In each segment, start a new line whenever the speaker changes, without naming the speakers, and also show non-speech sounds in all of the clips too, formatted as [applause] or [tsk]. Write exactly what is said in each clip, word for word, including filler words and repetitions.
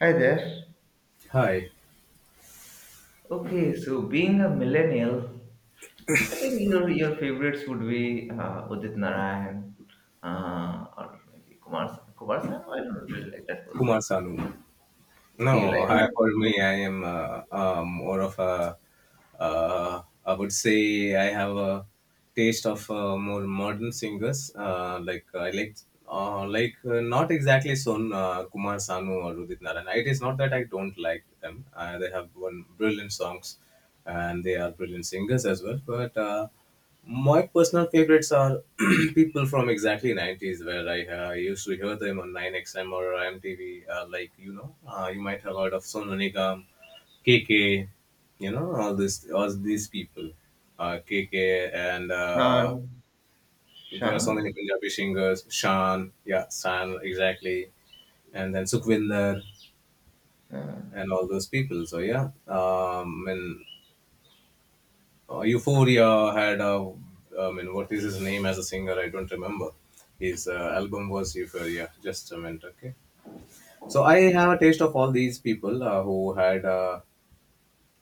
Hi there.
Hi,
Okay, so being a millennial, I think your your favorites would be uh, Udit Narayan, uh, or maybe Kumar Kumar Sanu. I don't really like that person.
Kumar Sanu.
Do you
No,
like
I
him?
for me, I am uh, um, more of a, uh, I would say I have a taste of uh, more modern singers. Uh, like I like, uh, like uh, not exactly Son uh, Kumar Sanu or Udit Narayan. It is not that I don't like them. Uh, they have one brilliant songs, and they are brilliant singers as well. But uh, My personal favorites are [clears throat] people from exactly nineties where I uh, used to hear them on nine X M or M T V. Uh, like, you know, uh, you might have heard of Sonu Nigam, K K, you know, all this, all these people. Uh, K K and uh,
Shan.
there are so many
Shan.
Punjabi singers. Shan, yeah, San, exactly. And then Sukhvinder
Uh,
and all those people. So, yeah, um, and Uh, Euphoria had a, I mean, what is his name as a singer? I don't remember. His uh, album was Euphoria. Just a minute, okay. So I have a taste of all these people uh, who had, uh,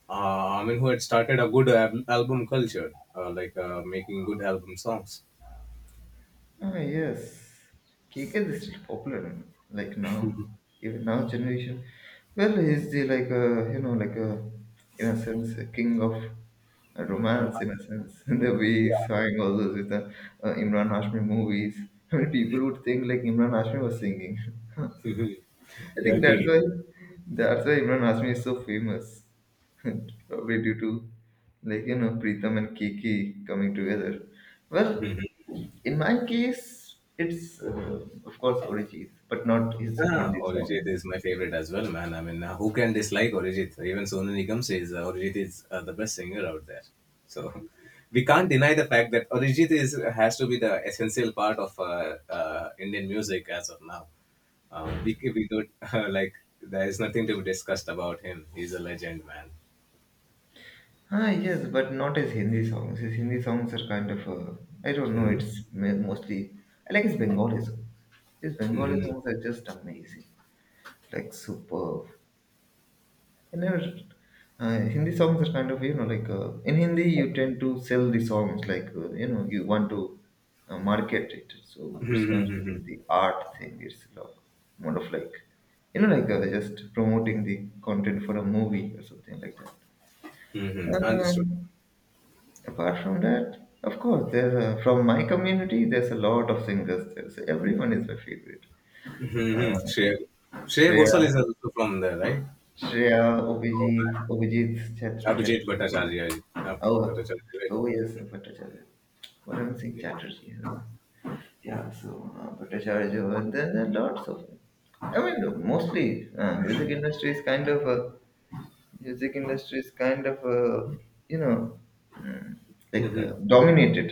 uh, I mean, who had started a good al- album culture, uh, like uh, making good album songs.
Ah, yes. K K is still popular, like now, even now generation. Well, he's the like a you know like a in a sense a king of romance in a sense. [laughs] The way he's
Yeah,
sang all those with the uh, Imran Hashmi movies. [laughs] I mean, people would think like Imran Hashmi was singing. [laughs] I think
yeah,
that's
gi-
why that's why Imran Hashmi is so famous. [laughs] Probably due to, like, you know, Pritham and Kiki coming together. Well, in my case, it's uh, of course Arijit, but not his
yeah,
Hindi
Orijit
songs.
is my favorite as well, man. I mean, uh, who can dislike Orijit? Even Sonu Nigam says uh, Orijit is uh, the best singer out there. So [laughs] we can't deny the fact that Orijit is has to be the essential part of uh, uh, Indian music as of now. Uh, we we don't [laughs] uh, like, there is nothing to be discussed about him. He's a legend, man.
Ah, yes, but not his Hindi songs. His Hindi songs are kind of, uh, I don't know,
Mm-hmm.
it's ma- mostly, I like his Bengali songs. His Bengali
Mm-hmm.
songs are just amazing, like superb. I never. Uh, Hindi songs are kind of, you know, like, uh, in Hindi you tend to sell the songs like, uh, you know, you want to uh, market it, so it's not
Mm-hmm.
really the art thing. It's like more of like, you know, like, uh, just promoting the content for a movie or something like that.
Mm-hmm. Understood.
Um, Apart from that, of course, there's a, from my community, there's a lot of singers there. So everyone is my favorite. Uh,
Mm-hmm. Shreya. Shreya
Shreya,
Ghosal is also from there, right?
Shreya,
Oh
Obhijit, Obhijit
man.
Chat-
Abhijit
Chatterjee.
Bhattacharya. Ab-
Oh,
Bhattacharya, right?
oh yes, Bhattacharya. What am I saying? Chatterjee. I don't know. Yeah, so uh, Bhattacharya, uh, there, there are lots of them. I mean, mostly uh, music industry is kind of a music industry is kind of a, you know, mm, like, uh,
Mm-hmm.
dominated.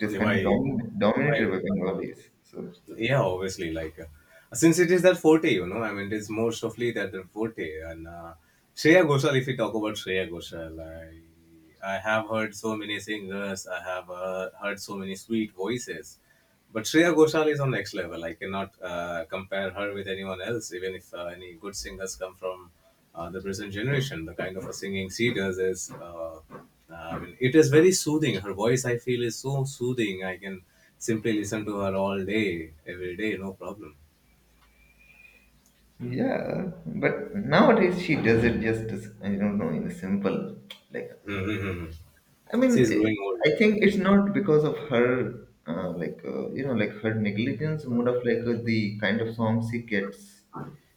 It is
Yeah,
kind of
Why,
domin-
why?
dominated by Bengalis. So
Yeah, obviously. Like, uh, since it is that forte, you know, I mean, it is most ofly that their forte. And uh, Shreya Ghoshal, if we talk about Shreya Ghoshal, I, I have heard so many singers. I have uh, heard so many sweet voices. But Shreya Ghoshal is on next level. I cannot uh, compare her with anyone else, even if uh, any good singers come from uh, the present generation. The kind of a singing she does is, uh, I mean, it is very soothing. Her voice, I feel, is so soothing. I can simply listen to her all day, every day, no problem.
yeah, but nowadays she does it just as, I don't know, in a simple like,
Mm-hmm.
I mean,
She's
eh,
growing
I think it's
older.
not because of her, uh, like, uh, you know, like her negligence, more of like, uh, the kind of songs she gets.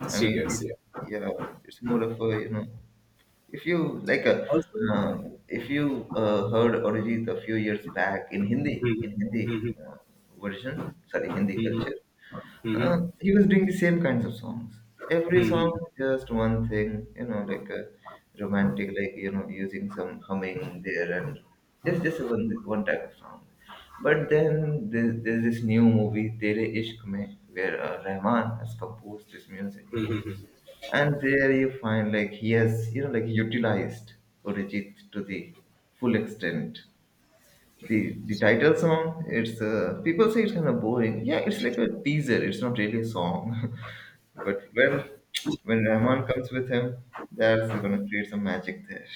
Yeah.
I
She
mean, it,
gets, yeah.
yeah, it's more of a, you know, if you like a,
Also,
uh, if you uh, heard Arijit a few years back in Hindi,
Mhm.
in Hindi
Mhm.
uh, version, sorry, Hindi
Mhm.
culture. Uh,
Mhm.
he was doing the same kinds of songs. Every song,
Mhm.
just one thing, you know, like a romantic, like, you know, using some humming there, and just just one one type of song. But then there's, there's this new movie, Tere Ishq Mein, where uh, Rahman has composed this music, and there you find like he has, you know, like, utilized Arijit to the full extent. The the title song, it's uh, people say it's kind of boring. Yeah, it's like a teaser. It's not really a song. [laughs] But well, when Rahman comes with him, that's gonna create some magic there.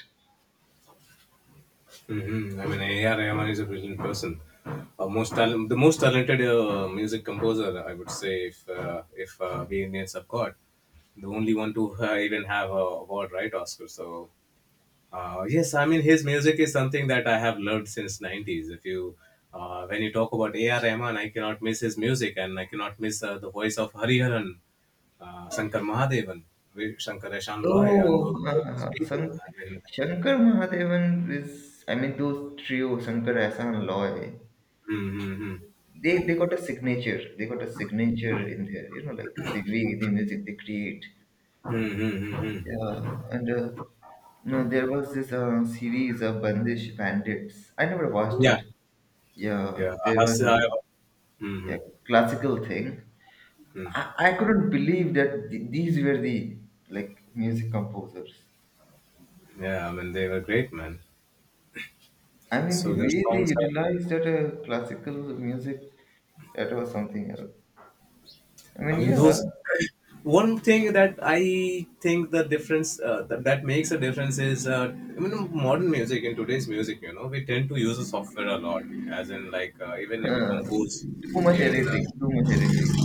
hmm I mean, A R. Rahman is a brilliant person. Uh, most talent, the most talented uh, music composer, I would say, if uh, if uh, we Indians have got the only one to uh, even have a award, right? Oscar. So, uh, yes, I mean, his music is something that I have loved since nineties. If you uh, when you talk about A R. Rahman, I cannot miss his music, and I cannot miss uh, the voice of Hariharan, uh, Shankar Mahadevan, Vi- Shankarashan Loy, and
Oh,
those
[laughs] ha, ha,
those
ha.
people.
San-
I mean,
Shankar Mahadevan is, I mean, those trio, Shankar, Ahsan, and Loy,
mm-hmm,
they, they got a signature. They got a signature in there, you know, like the way the music they create.
mm-hmm, mm-hmm, mm-hmm.
Yeah, and uh, no, there was this uh, series of Bandish Bandits. I never watched
Yeah.
it. Yeah,
Yeah,
there
I
was a,
I,
yeah,
Mhm,
classical thing. I,
mhm.
I couldn't believe that th- these were the, like, music composers.
Yeah. I mean, they were great, man.
I mean, the
So their
way they
songs are,
utilized that uh, classical music, that was something else. I
I
mean,
mean,
yeah,
those. [clears throat] One thing that I think the difference uh, that, that makes a difference is, uh, I mean, modern music, in today's music, you know, we tend to use the software a lot, as in like uh, even
[laughs]
if we compose,
too much
even uh,
editing, too much editing.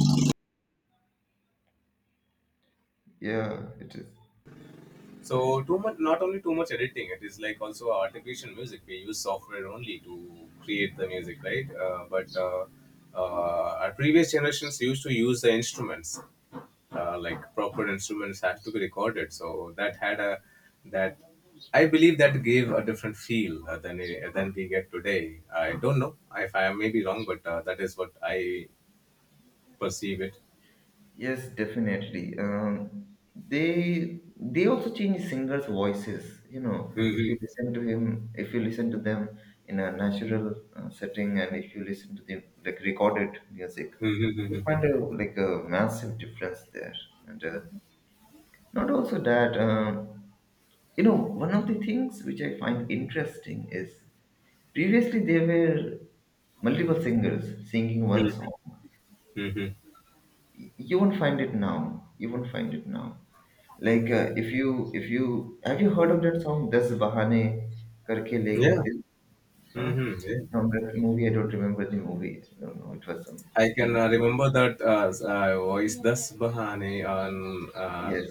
Yeah, it is.
so too much, not only too much editing. It is like also artificial music. We use software only to create the music, right? Uh, but uh, uh, our previous generations used to use the instruments, uh, like proper instruments had to be recorded. So that had a that I believe that gave a different feel uh, than uh, than we get today. I don't know if I may be wrong, but uh, that is what I perceive it.
Yes, definitely. Um, they they also change singers' voices. You know, if you
[laughs]
listen to him, if you listen to them in a natural uh, setting, and if you listen to the, like, recorded music,
Mhm.
you
Mhm. Mhm.
find a, like, a massive difference there. And uh, not also that, um, you know, one of the things which I find interesting is previously there were multiple singers singing one
Mhm.
song.
Mhm. Mhm.
You won't find it now you won't find it now like, uh, if you if you, have you heard of that song, Das Bahane Karke Le Gaye
Yeah.
Dil? Huh?
Mm-hmm. Yeah.
From that movie, I don't remember the movie, I don't know, it was some
I can
Steve.
uh, remember that uh, uh, voice das bahane on uh,
Yes.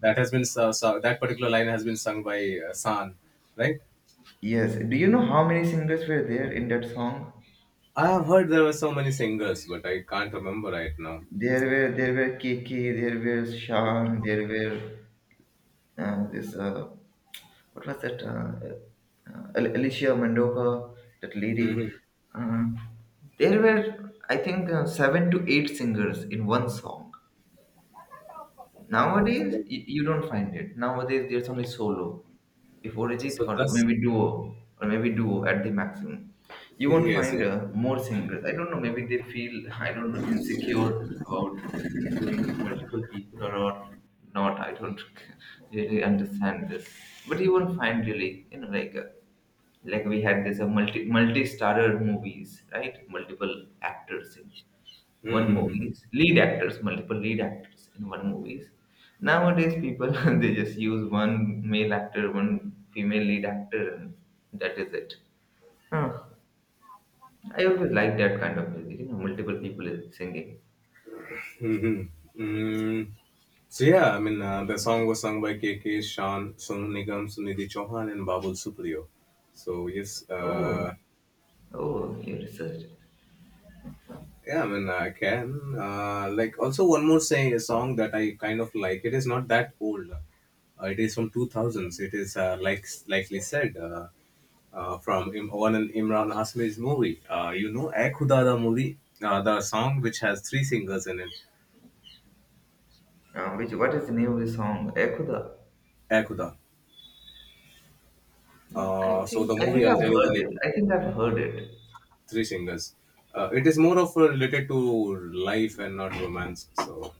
that. Has been so, so, that particular line has been sung by uh, San, right?
Yes, do you know how many singers were there in that song?
I have heard there were so many singers, but I can't remember right now.
There were, there were K. K., there were Shan, there were uh, this uh, what was that? Uh, uh, Alicia Mendoza, that lady.
Hmm.
Uh, there were, I think, uh, seven to eight singers in one song. Nowadays, you, you don't find it. Nowadays, there's only solo. If Orijit
So
or
that's,
maybe duo, or maybe duo at the maximum. You won't
yes,
find
yes.
uh, more singers. I don't know, maybe they feel, [laughs] I don't know, insecure about doing with multiple people, or, or not. I don't [laughs] really understand this. But you won't find really, you know, like, uh, like we had this uh, multi, multi-starrer movies, right? Multiple actors, one
Mm-hmm.
movies, lead actors, multiple lead actors in one movies. Nowadays people [laughs] they just use one male actor, one female lead actor, and that is it. Huh. I always like that kind of music, you know, multiple people is singing.
[laughs] Mm-hmm. So yeah, I mean uh, the song was sung by K K, Sean, Sonu Nigam, Sunidhi Chauhan, and Babul Supriyo. So yes.
Oh,
uh,
oh, you researched.
Yeah, I mean, I can. Uh, like, also one more say song that I kind of like. It is not that old. Uh, it is from two thousands. It is uh, like likely said uh, uh, from Im- one in Imran Hasmi's movie. Uh, you know, Ae Khuda, the movie, uh, the song which has three singers in it.
Uh, which, what is the name of the song? Ekhuda.
Ae Khuda.
i
Uh, so
think
the
i
movie,
think
I'll
I've
tell you the
heard
name.
it. I think I've heard it.
Three singers. Uh, it is more of uh, related to life and not romance. So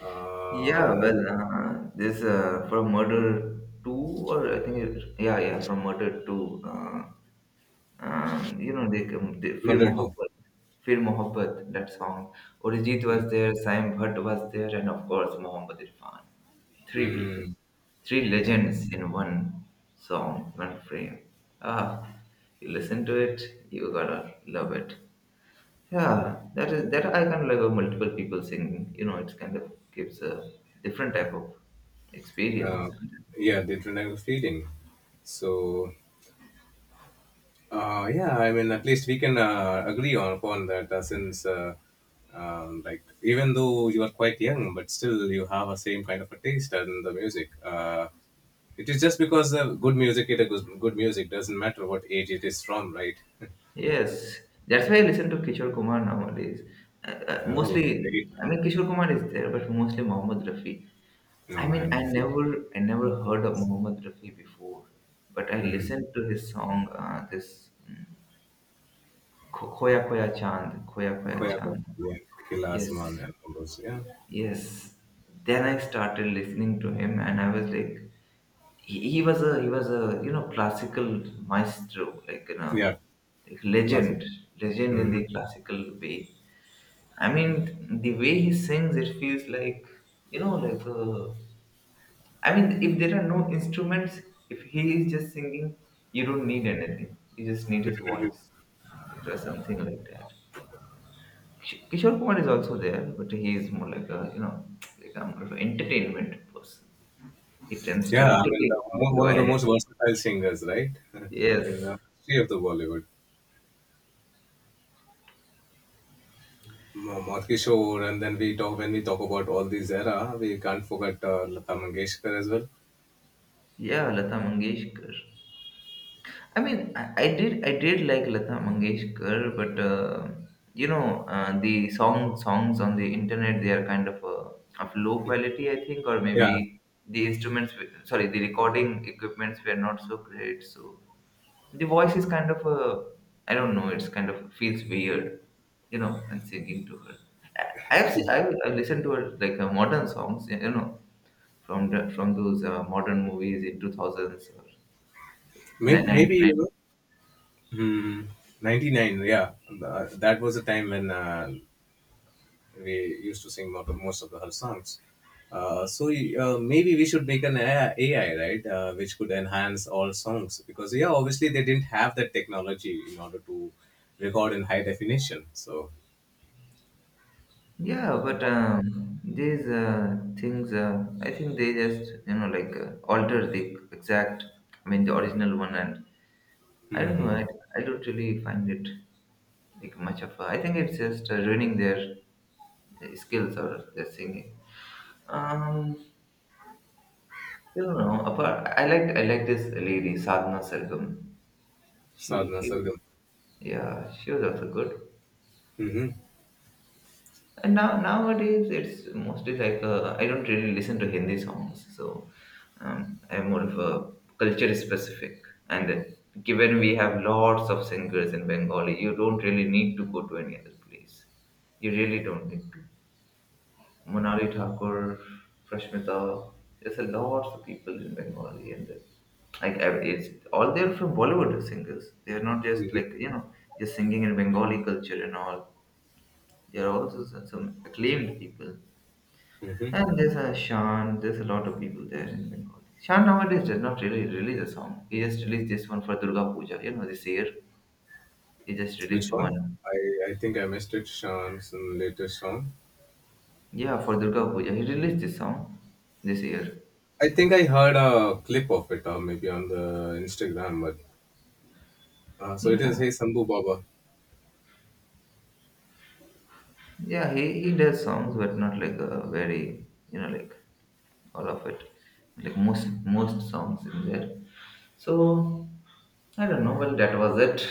uh,
Yeah,
movie.
well, uh, this uh, from Murder two, or I think it, yeah, yeah, from Murder two. Uh, um, you know, they, come- they Fir
Not at all.
Mohabbat, Fir Mohabbat, that song. Arijit
Hmm,
was there, Saim Bhatt was there, and of course Mohammed Irfan. Three
hmm,
people,
hmm.
three legends in one song, one frame. Ah, you listen to it, you gotta love it. Yeah, that is that I kind of like, uh, multiple people singing. You know, it's kind of gives a different type of
uh,
experience.
yeah, the international feeding. So uh, yeah, I mean, at least we can uh, agree on upon that, uh, since uh, um, like, even though you are quite young, but still you have a same kind of a taste in the music. Uh, it is just because uh, good music it is good music, doesn't matter what age it is from, right? [laughs]
Yes, that's why I listen to Kishore Kumar nowadays. Uh, uh,
Oh, great.
mostly, I mean Kishore Kumar is there, but mostly Mohammed Rafi. I
No,
mean,
man.
I never, I never heard of Mohammed Rafi before, but I
Mm-hmm.
listened to his song, uh, this mm, Kho- Khoya Khoya Chand, Khoya Khoya
Koya,
Chand.
yeah, Kilas
Yes,
Man and all those. Yeah,
yes. Then I started listening to him, and I was like, he, he was a, he was a, you know, classical maestro, like, you know,
yeah,
like legend,
classical.
legend in
Mm-hmm.
the classical way. I mean, the way he sings, it feels like, you know, like, uh, I mean, if there are no instruments, if he is just singing, you don't need anything. You just need his voice. It was something like that. Kish- Kishore Kumar is also there, but he is more like a, you know, like a more of an entertainment person. He tends to
Yeah, I mean, the,
entertain
mo-
people.
one of the
While-
most versatile singers, right, [laughs] in
Yes.
the history of the Bollywood. M- Madhuri Kishore, and then we talk when we talk about all these era, we can't forget uh, Lata Mangeshkar as well.
Yeah, Lata Mangeshkar. I mean, I, I did I did like Lata Mangeshkar, but uh, you know, uh, the song songs on the internet they are kind of uh, of low quality, I think, or
Yeah,
maybe the instruments w- sorry the recording equipments were not so great, so the voice is kind of, uh, I don't know, it's kind of feels weird, you know, and singing to her. I, I've seen, I I listened to her, like, uh, modern songs, you know, from the, from those uh, modern movies in two thousands or
May- maybe you
nineteen nineties.
know, hmm, ninety nine. Yeah, Th- that was a time when uh, we used to sing lot of most of the her songs. Uh, so uh, maybe we should make an A I, right, uh, which could enhance all songs, because yeah, obviously they didn't have that technology in order to record in high definition. So,
Yeah, but um, these uh, things, uh, I think they just, you know, like, uh, alter the exact, I mean, the original one, and I don't know,
mm-hmm.
I, I don't really find it like much of a, I think it's just uh, ruining their uh, skills or their singing. Um, I don't know, apart, I liked, I like this lady, Sadhna Sargam. She,
Sadhna
she,
Sargam.
yeah, she was also good.
Mm-hmm.
And now nowadays it's mostly like, uh, I don't really listen to Hindi songs, so um, I'm more of a culture specific. And given we have lots of singers in Bengali, you don't really need to go to any other place. You really don't need to. Monali Thakur, Prashmita, there's a lot of people in Bengali, and uh, like I- it's all they're from Bollywood singers. They're not just
Mm-hmm.
like, you know, just singing in Bengali culture and all. They're also some some acclaimed people.
Mm-hmm.
And there's a Sean, there's a lot of people there in Bengali. Sean nowadays does not really release a song. He just released this one for Durga Puja. You know, this year he just
Which
released
one?
one.
I, I think I missed it. Sean, some later song.
Yeah, for Durga Puja. He released this song this year.
I think I heard a clip of it, or maybe on the Instagram. But uh, so it is.
Yeah.
Hey, Sambhu Baba.
Yeah, he, he does songs, but not like a very, you know, like all of it. Like most most songs in there. So I don't know. Well, that was it.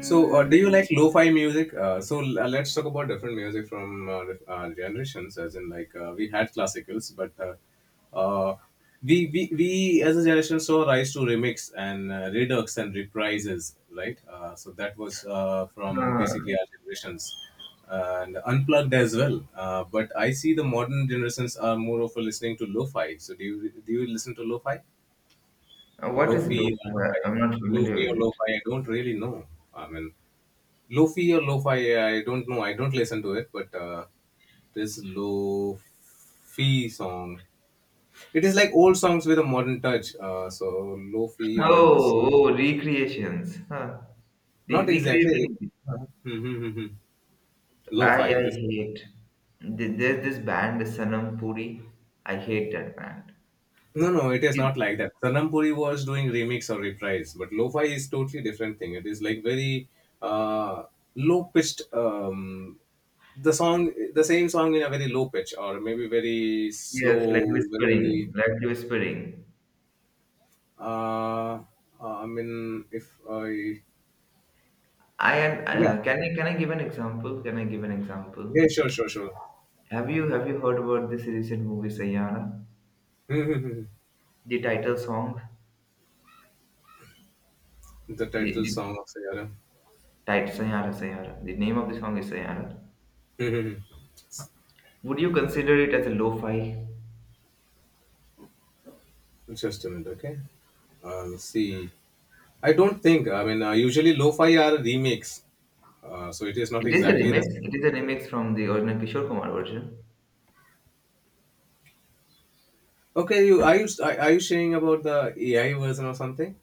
So, uh, do you like lo-fi music? Uh, so, l- uh, let's talk about different music from uh, dif- uh, generations. As in, like, uh, we had classicals, but uh, uh, we, we we as a generation saw rise to remix and uh, redux and reprises, right? Uh, so that was uh, from
uh,
basically our generations uh, and unplugged as well. Uh, but I see the modern generations are more of a listening to lo-fi. So, do you do you listen to lo-fi,
what is
lo-fi, or
lo-fi? I-
lo-fi,
I'm not familiar
lo-fi
with
or
it.
lo-fi? I don't really know. I mean. Lofi or lo-fi, I don't know. I don't listen to it, but uh, this lo-fi song, it is like old songs with a modern touch. Uh, so lo-fi, or it is
Oh, oh, recreations. Huh. Re-
not exactly,
recreating.
uh-huh. Mhm.
I
Lo-fi. It
I
is
hate. Th- There's this band Sanam Puri. I hate that band.
no, no. It is not like that. Sanam Puri was doing remix or reprise, but lo-fi is totally different thing. It is like very uh, low-pitched. Um, the song, the same song in a very low pitch, or maybe very
Yes, like
slow, very,
whispering, like whispering.
Uh, uh, I mean, if I,
I am.
yeah,
Uh, can I can I give an example? Can I give an example?
yeah, sure, sure, sure.
Have you have you heard about this recent movie Sayara?
[laughs]
The title song.
The
The,
title
the
song of Sayaram.
title Sayara Sayara. The name of the song is Sayara.
[laughs]
Would you consider it as a lo-fi?
Just a minute, okay. I'll see. I don't think. I mean, uh, usually lo-fi are remakes, uh, so it is not
It is a
exactly the
remix.
same.
It is a remix from the original Kishore Kumar version.
Okay, you are you are are you saying about the A I version or something?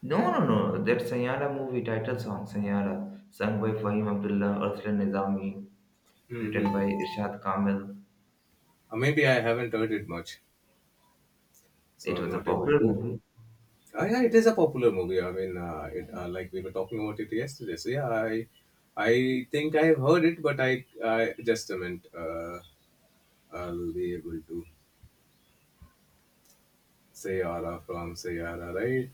No, no, no. That Sayara movie title song, Sayara, sung by Fahim Abdullah, Ursula Nizami,
Mm-hmm.
written
Uh,
by Irshad Kamil.
maybe I haven't heard it much, so
It
I'm
was a
not able
popular
to,
movie.
Uh, yeah, it is a popular movie. I mean, uh, it, uh, like we were talking about it yesterday. So yeah, I I think I have heard it, but I I just meant uh, I'll be able to say Ara from Sayara, right?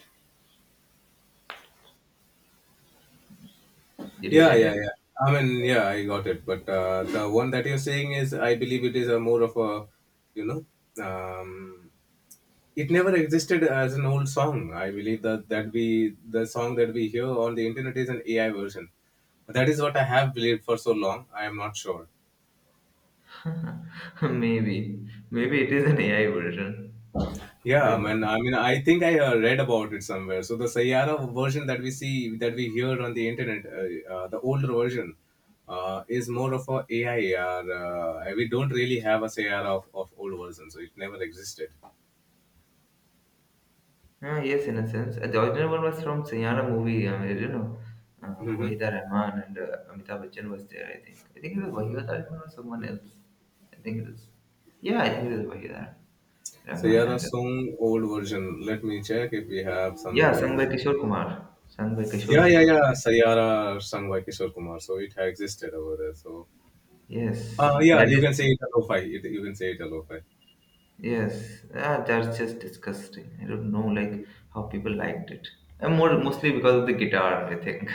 Did you
Yeah,
get
yeah,
it?
yeah. I mean, yeah, I got it. But uh, the one that you're saying is, I believe, it is a more of a, you know, um, it never existed as an old song. I believe that that we the song that we hear on the internet is an A I version. That is what I have believed for so long. I am not sure.
[laughs] Maybe. Maybe it is an A I version. I
Yeah, I
don't
mean,
know.
I mean, I think I uh, read about it somewhere. So the Sayara version that we see, that we hear on the internet, uh, uh, the older version, uh, is more of a AI. Or, uh, we don't really have a Sayara of, of old version, so it never existed.
Ah, yes, in a sense. Uh, The original one was from Sayara movie. uh, I mean, you know, um,
Mm-hmm.
Wahida Rahman and uh, Amitabh Bachchan was there, I think. I think it was Wahida Rahman or someone else. I think it was. Yeah, I think it was Wahida Rahman
Sayara
and uh,
song old version. Let me check if we have some
yeah,
old
sung by
version.
Kishore Kumar. Sung by Kishore
Yeah, yeah,
Kumar.
yeah. Sayara sung by Kishore Kumar, so it had existed over there. So,
Yes,
uh, yeah,
that
you
is
can say it a lo-fi. It, you can say it a lo-fi.
yes. Ah, that's just disgusting. I don't know, like how people liked it. And more mostly because of the guitar, I think.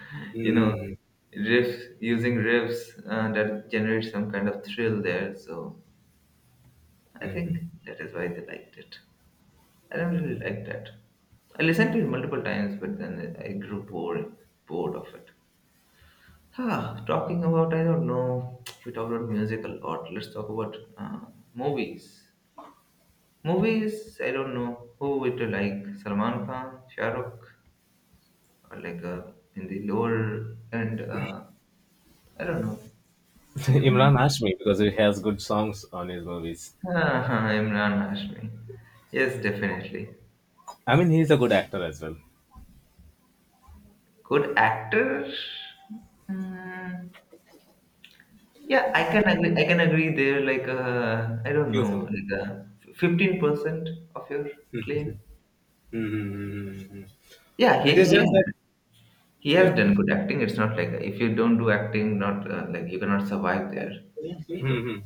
[laughs] you know,
Mm-hmm.
riffs using riffs uh, that generates some kind of thrill there. So I
Mm-hmm.
think that is why they liked it. I don't really like that. I listened to it multiple times, but then I grew bored bored of it. Ah, talking about, I don't know, [tsk] we talked about music a lot. Let's talk about uh, movies. Movies, I don't know who would you like, Salman Khan, Shah Rukh, or like uh, in the lower end, uh, I don't know,
[laughs]
anyone?
Imran Hashmi, because he has good songs on his movies.
[laughs] Ah, Imran Hashmi. Yes, definitely.
I mean, he's a good actor as well.
Good actor. Mm, yeah, I can agree. I can agree there. Like, uh, I don't
Few of them.
know, like uh, fifteen percent of your claim.
Mm-hmm. Mm-hmm.
Yeah,
It is
he he has,
just that,
he has
yeah.
done good acting. It's not like if you don't do acting, not uh, like you cannot survive there.
Mm-hmm.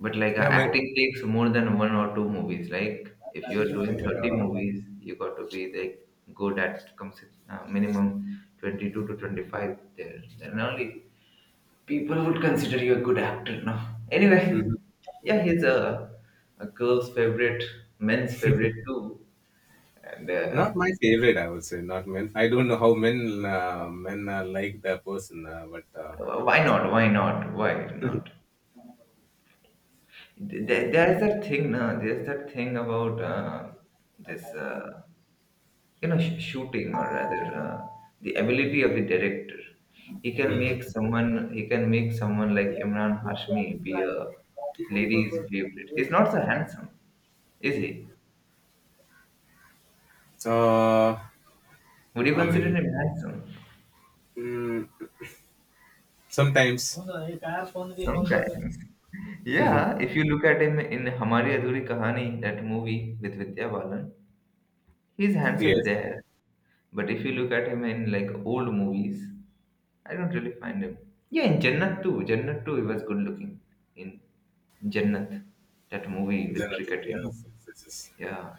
But like uh,
Yeah, my,
acting takes more than one or two movies. Like if you are doing thirty
yeah.
movies, you got to be like good at comes uh, minimum twenty-two to twenty-five there. Then only people would consider you a good actor now. Anyway,
Mhm.
yeah, he's a, a girl's favorite, men's favorite too. And uh,
Not my favorite, I would say. Not men. I don't know how men uh, men uh, like that person, uh, but uh,
why not? Why not? Why not? There, there's that thing, no, there's that thing about uh, this, uh, you know, sh- shooting or rather uh, the ability of the director. He
[laughs]
can make
Mhm.
someone, he can make someone like Imran Hashmi be a lady's favorite. He's not so handsome, is he?
So,
Would you
I
consider
mean,
him handsome?
mm, sometimes, yes, then it will
Sometimes. Yeah, if you look at him in Hamari Adhuri Kahani, that movie with Vidya Balan, he's
be,
handsome
yes,
there. But if you look at him in like old movies, I don't really find him. Yeah, in Jannat too. Jannat too, he was good looking. In Jannat, that movie with cricket, you know.
yes, yes, yes.
Yeah,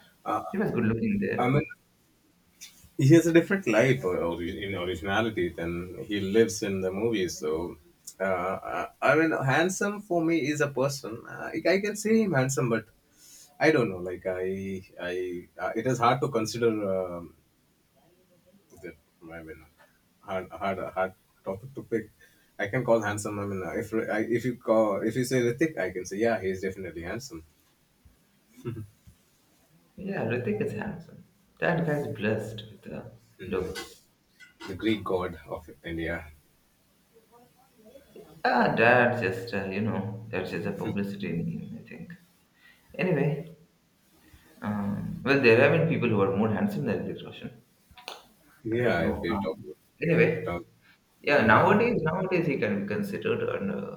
he was good looking
I
there.
mean, he has a different life or, or in originality than he lives in the movies. So, uh, I mean, handsome for me is a person. Uh, I can see him handsome, but I don't know. Like I, I, uh, it is hard to consider. Um that I mean, hard, hard, hard topic to pick. I can call handsome. I mean, uh, if I, if you call, if you say Ritik, I can say yeah, he's definitely handsome.
Yeah, Ritik is handsome. That guy's blessed with the
hmm
looks.
The Greek god of India.
Ah, that's just, uh, you know, that's just a publicity in him, I think. Anyway, um, well, there have been people who are more handsome than Ritik Roshan. I
Yeah,
don't
if
know.
we talk,
Um, anyway,
talk.
yeah,
hmm
nowadays, nowadays he can be considered an uh,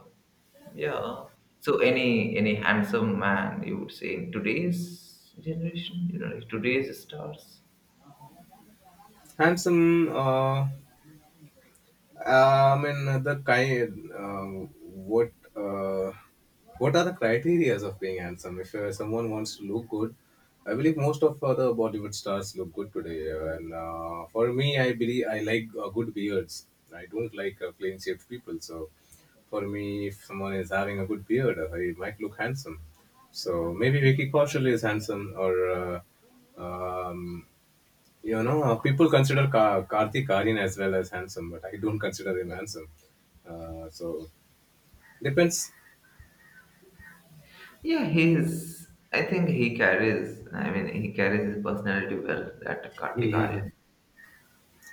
yeah. So any any handsome man you would say in today's generation, you know, today's stars.
Handsome. Uh, I mean, the kind. Uh, what uh, what are the criterias of being handsome? If uh, someone wants to look good, I believe most of uh, the Bollywood stars look good today. uh, And uh, for me, I believe I like uh, good beards. I don't like uh, plain shaved people. So for me, if someone is having a good beard, uh, he might look handsome. So maybe Vicky Kaushal is handsome, or uh, um, you know, uh, people consider Ka- Karthik Aryan as well as handsome, but I don't consider him handsome. Uh, so depends.
Yeah, he's. I think he carries. I mean, he carries his personality well. That
[laughs]
Kartik
Mhm.
Aaryan,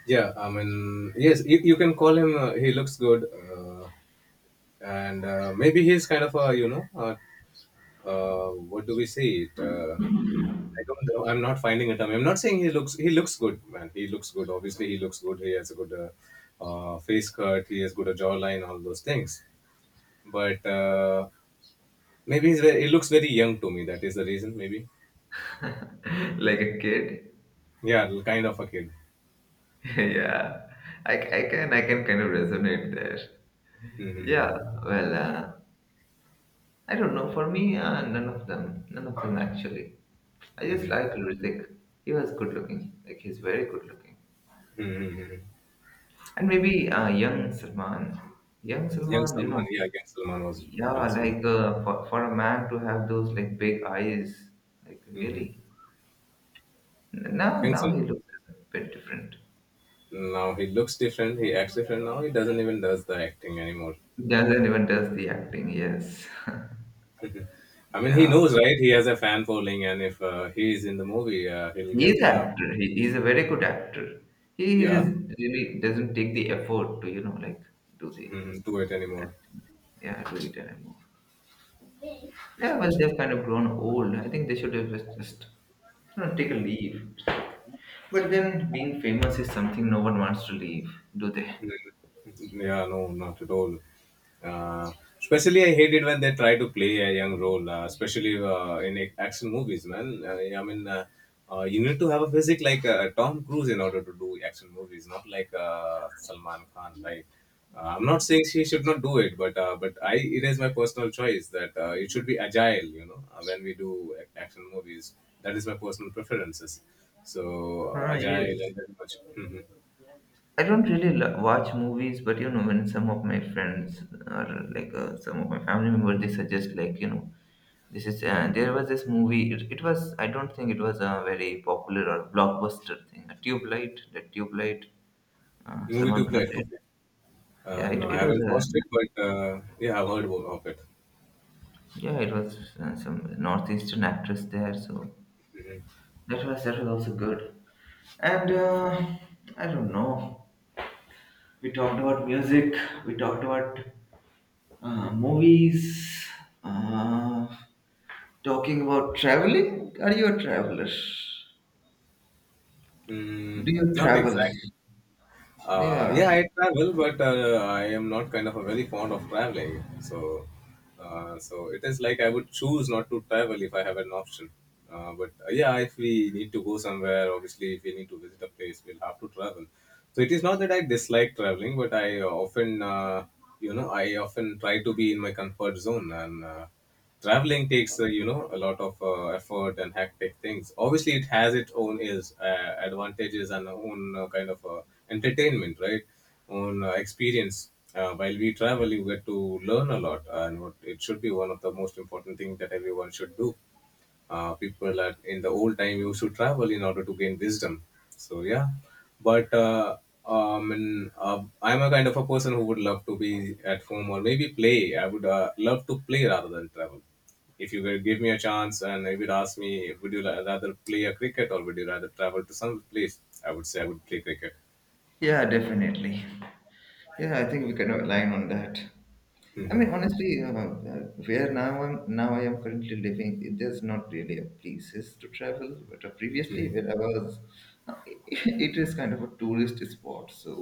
Yeah, I mean, yes, you, you can call him. Uh, he looks good, uh, and uh, maybe he's kind of a you know, uh, uh, what do we say it? Uh, I don't know. I'm not finding a term. I'm not saying he looks. He looks good, man. He looks good. Obviously, he looks good. He has a good uh, uh, face cut. He has good uh, jawline. All those things. But uh, maybe he's very, he looks very young to me. That is the reason. Maybe.
[laughs] like a kid.
Yeah, kind of a kid.
[laughs] yeah, I, I can I can kind of resonate there. Yeah.
Mm-hmm.
Well, uh, I don't know. For me, uh, none of them. None of them actually. I just
hmm.
like Hrithik. He was good looking. Like he's very good looking.
hmm
And maybe uh, young Salman, young
Young
Salman, you
Salman.
know,
Yeah, young Salman was
yeah,
handsome.
like uh, for, for a man to have those like big eyes, like
hmm
really. N- Now,
Young
now
Salman.
he looks a bit different.
Now he looks different. He acts different. Now he doesn't even does the acting anymore.
Doesn't even does the acting, yes. [laughs]
I mean, he
Yeah,
knows, right? He has a fan following, and if uh, he is in the movie, uh, he'll get
he's
the.
actor. He, he's a very good actor. He he
Yeah.
just really doesn't take the effort to, you know, like do the
hmm Do it anymore.
acting. Yeah, do it anymore. Yeah, well, they've kind of grown old. I think they should have just, just you know, take a leave. But then being famous is something no one wants to leave, do they?
Mm-hmm. Yeah, no, not at all. Uh, Especially, I hate it when they try to play a young role, uh, especially uh, in ac- action movies, man. Uh, I mean, uh, uh, you need to have a physique like uh, Tom Cruise in order to do action movies, not like uh, Salman Khan, right? Uh, I'm not saying she should not do it, but uh, but I it is my personal choice that uh, it should be agile. You know, uh, when we do ac- action movies, that is my personal preferences. So uh,
Ah,
agile
yes.
and very much. Mhm.
I don't really lo- watch movies, but you know, when some of my friends or like uh, some of my family members, they suggest like you know, this is uh, there was this movie. It, it was I don't think it was a very popular or blockbuster thing. A Tube Light, the Tube Light, uh,
Movie to
Salman Khan
play.
did.
Okay.
Yeah,
Uh,
it
no, I
it was
haven't
a
watched it, but uh, yeah, I've heard of it.
yeah, it was uh, some northeastern actress there, so
Mhm.
that was that was also good. And uh, I don't know. We talked about music. We talked about uh, movies. Uh, talking about traveling. Are you a traveler? Do
Mm,
you
not
travel?
exactly. Uh,
Yeah.
yeah, I travel, but uh, I am not kind of a very fond of traveling. So, uh, so it is like I would choose not to travel if I have an option. Uh, but uh, yeah, if we need to go somewhere, obviously, if we need to visit a place, we'll have to travel. So it is not that I dislike traveling, but I often, uh, you know, I often try to be in my comfort zone and. Uh, traveling takes uh, you know a lot of uh, effort and hectic things. Obviously, it has its own is uh, advantages and own uh, kind of uh, entertainment, right? Own uh, experience uh, while we travel, you get to learn a lot, and what it should be one of the most important things that everyone should do. Uh, people at in the old time used to travel in order to gain wisdom, so yeah. But uh, um, and, uh, I'm a kind of a person who would love to be at home, or maybe play. I would uh, love to play rather than travel. If you will give me a chance and you would ask me, would you ra- rather play a cricket or would you rather travel to some place, I would say I would play cricket.
Yeah, definitely. Yeah, I think we can align on that. I
Hmm.
mean, honestly, uh, uh, where now I'm now I am currently living, it- there's not really a places to travel. But uh, previously, where I was, uh, [laughs] it is kind of a tourist spot. So,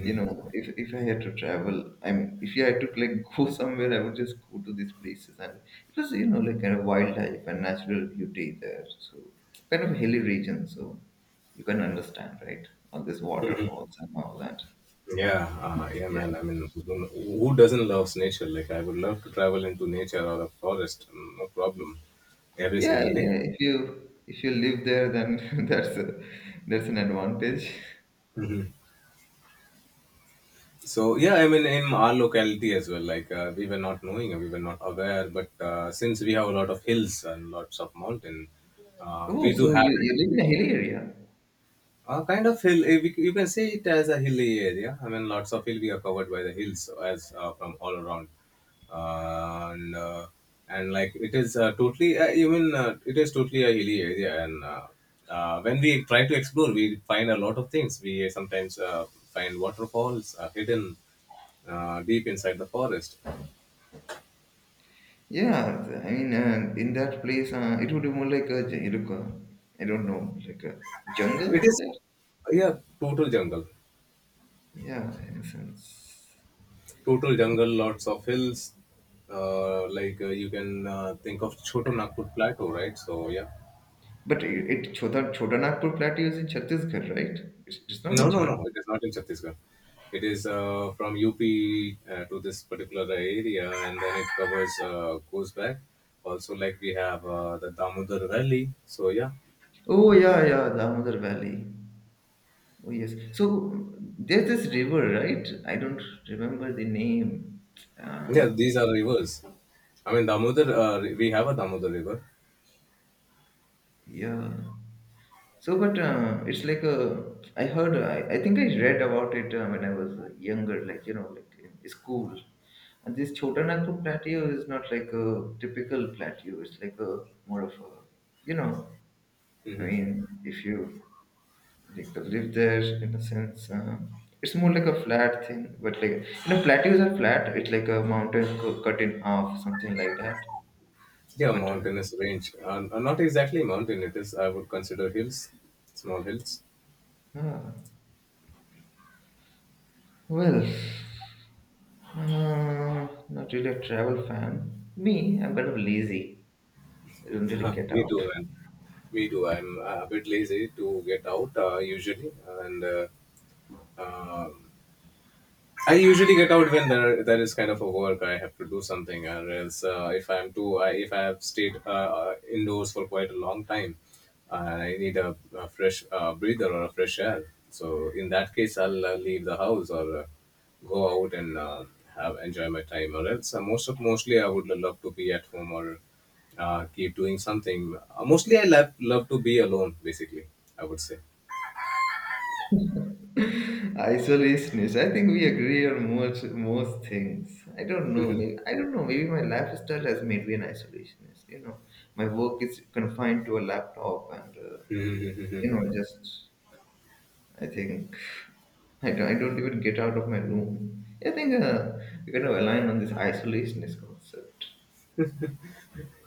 you know, if if I had to travel, I mean, if I had to like [laughs] go somewhere, I would just go to these places, and it was you know like kind of wildlife and natural beauty there. So, kind of a hilly region. So, you can understand, right? All these waterfalls and all that.
Yeah, uh, yeah, man. I
Yeah.
mean, who, don't, who doesn't love nature? Like, I would love to travel into nature or a forest, mm, no problem, every
Yeah,
single day.
yeah. If you if you live there, then [laughs] that's a, that's an advantage.
hmm So, yeah, I mean, in our locality as well, like, uh, we were not knowing, we were not aware, but uh, since we have a lot of hills and lots of mountain, uh,
Oh,
we do
so
have
you, you
it.
live in a hilly area?
A kind of hill, eh, we- you can say it as a hilly area. I mean, lots of hill. we are covered by the hills so as uh, from all around, uh, and uh, and like it is uh, totally uh, even uh, it is totally a hilly area. And uh, uh, when we try to explore, we find a lot of things. We sometimes uh, find waterfalls uh, hidden uh, deep inside the forest.
Yeah, th- I mean, uh, in that place, uh, it would be more like a j- you look, uh, I don't know, like a
It
jungle
is,
there.
yeah, total jungle.
Yeah, in a sense.
Total jungle, lots of hills. Uh, like uh, you can uh, think of Choto Nagpur Plateau, right? So yeah,
But it, it Chota Chota Nagpur Plateau is in Chhattisgarh, right? It's, it's not in
no, no,
Jharkhand.
no, it is not in Chhattisgarh. It is uh, from U P uh, to this particular area, and then it covers uh, goes back. Also, like we have uh, the Damodar Valley. So yeah,
Oh yeah, yeah, Damodar Valley. Oh yes. So there's this river, right? I don't remember the name.
yeah,
Uh,
these are rivers. I mean, Damodar. Uh, we have a Damodar River.
Yeah. So, but uh, it's like uh, I heard, I, I think I read about it uh, when I was uh, younger, like, you know, like in school. And this Chota Nagpur plateau is not like a typical plateau. It's like a more of a, you know, I
Hmm.
mean, if you like live there in a sense, uh, it's more like a flat thing. But like, you know, plateaus are flat. It's like a mountain cu- cut in half, something like that.
Yeah,
But uh,
mountainous range. Uh, uh, not exactly mountain. It is. I would consider hills, small hills.
ah, well, Uh, not really a travel fan. Me, I'm kind of lazy. I don't really
Huh. [laughs]
get
Me
out.
too, man. Me too. I'm uh, a bit lazy to get out uh, usually, and uh, uh, I usually get out when there there is kind of a work I have to do something, or else uh, if I'm too I, if I have stayed uh, uh, indoors for quite a long time, and I need a, a fresh uh, breather or a fresh air. So in that case, I'll uh, leave the house or uh, go out and uh, have enjoy my time, or else uh, most of mostly I would love to be at home or uh, keep doing something. Uh, mostly I love love to be alone. Basically, I would say.
[laughs] Isolationist. I think we agree on most most things. I don't know. Maybe I don't know. Maybe my lifestyle has made me an isolationist. You know, my work is confined to a laptop, and uh, you know,
[laughs]
just I think I don't, I don't even get out of my room. I think uh, we kind of align on this isolationist concept.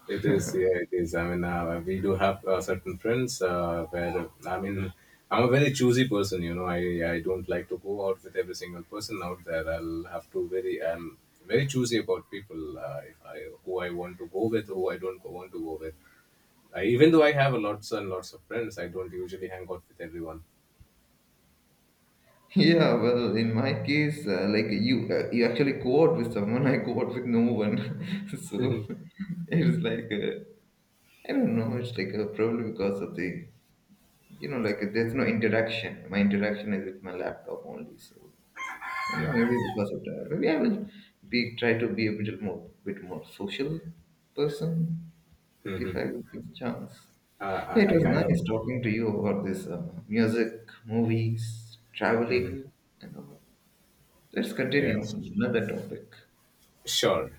It is, yeah, it is. I mean, uh, we do have uh, certain friends uh, where I mean, I'm a very choosy person. You know, I I don't like to go out with every single person out there. I'll have to very I'm very choosy about people. Uh, if I who I want to go with, who I don't go- want to go with. I, even though I have lots and lots of friends, I don't usually hang out with everyone.
Yeah, well, in my case, uh, like you, uh, you actually co-op with someone. I co-op with no one, [laughs]
[laughs] Yeah,
so it's like uh, I don't know. It's like uh, probably because of the you know, like there's no interaction. My interaction is with my laptop only, so I think maybe because of that. Maybe I will be try to be a bit more, bit more social person if
hmm
I will get the chance.
uh,
Yeah, it
I, I
was
kind of.
nice talking to you about this uh, music, movies,
Hmm.
traveling, and all. Let's continue
Yes,
another topic.
sure.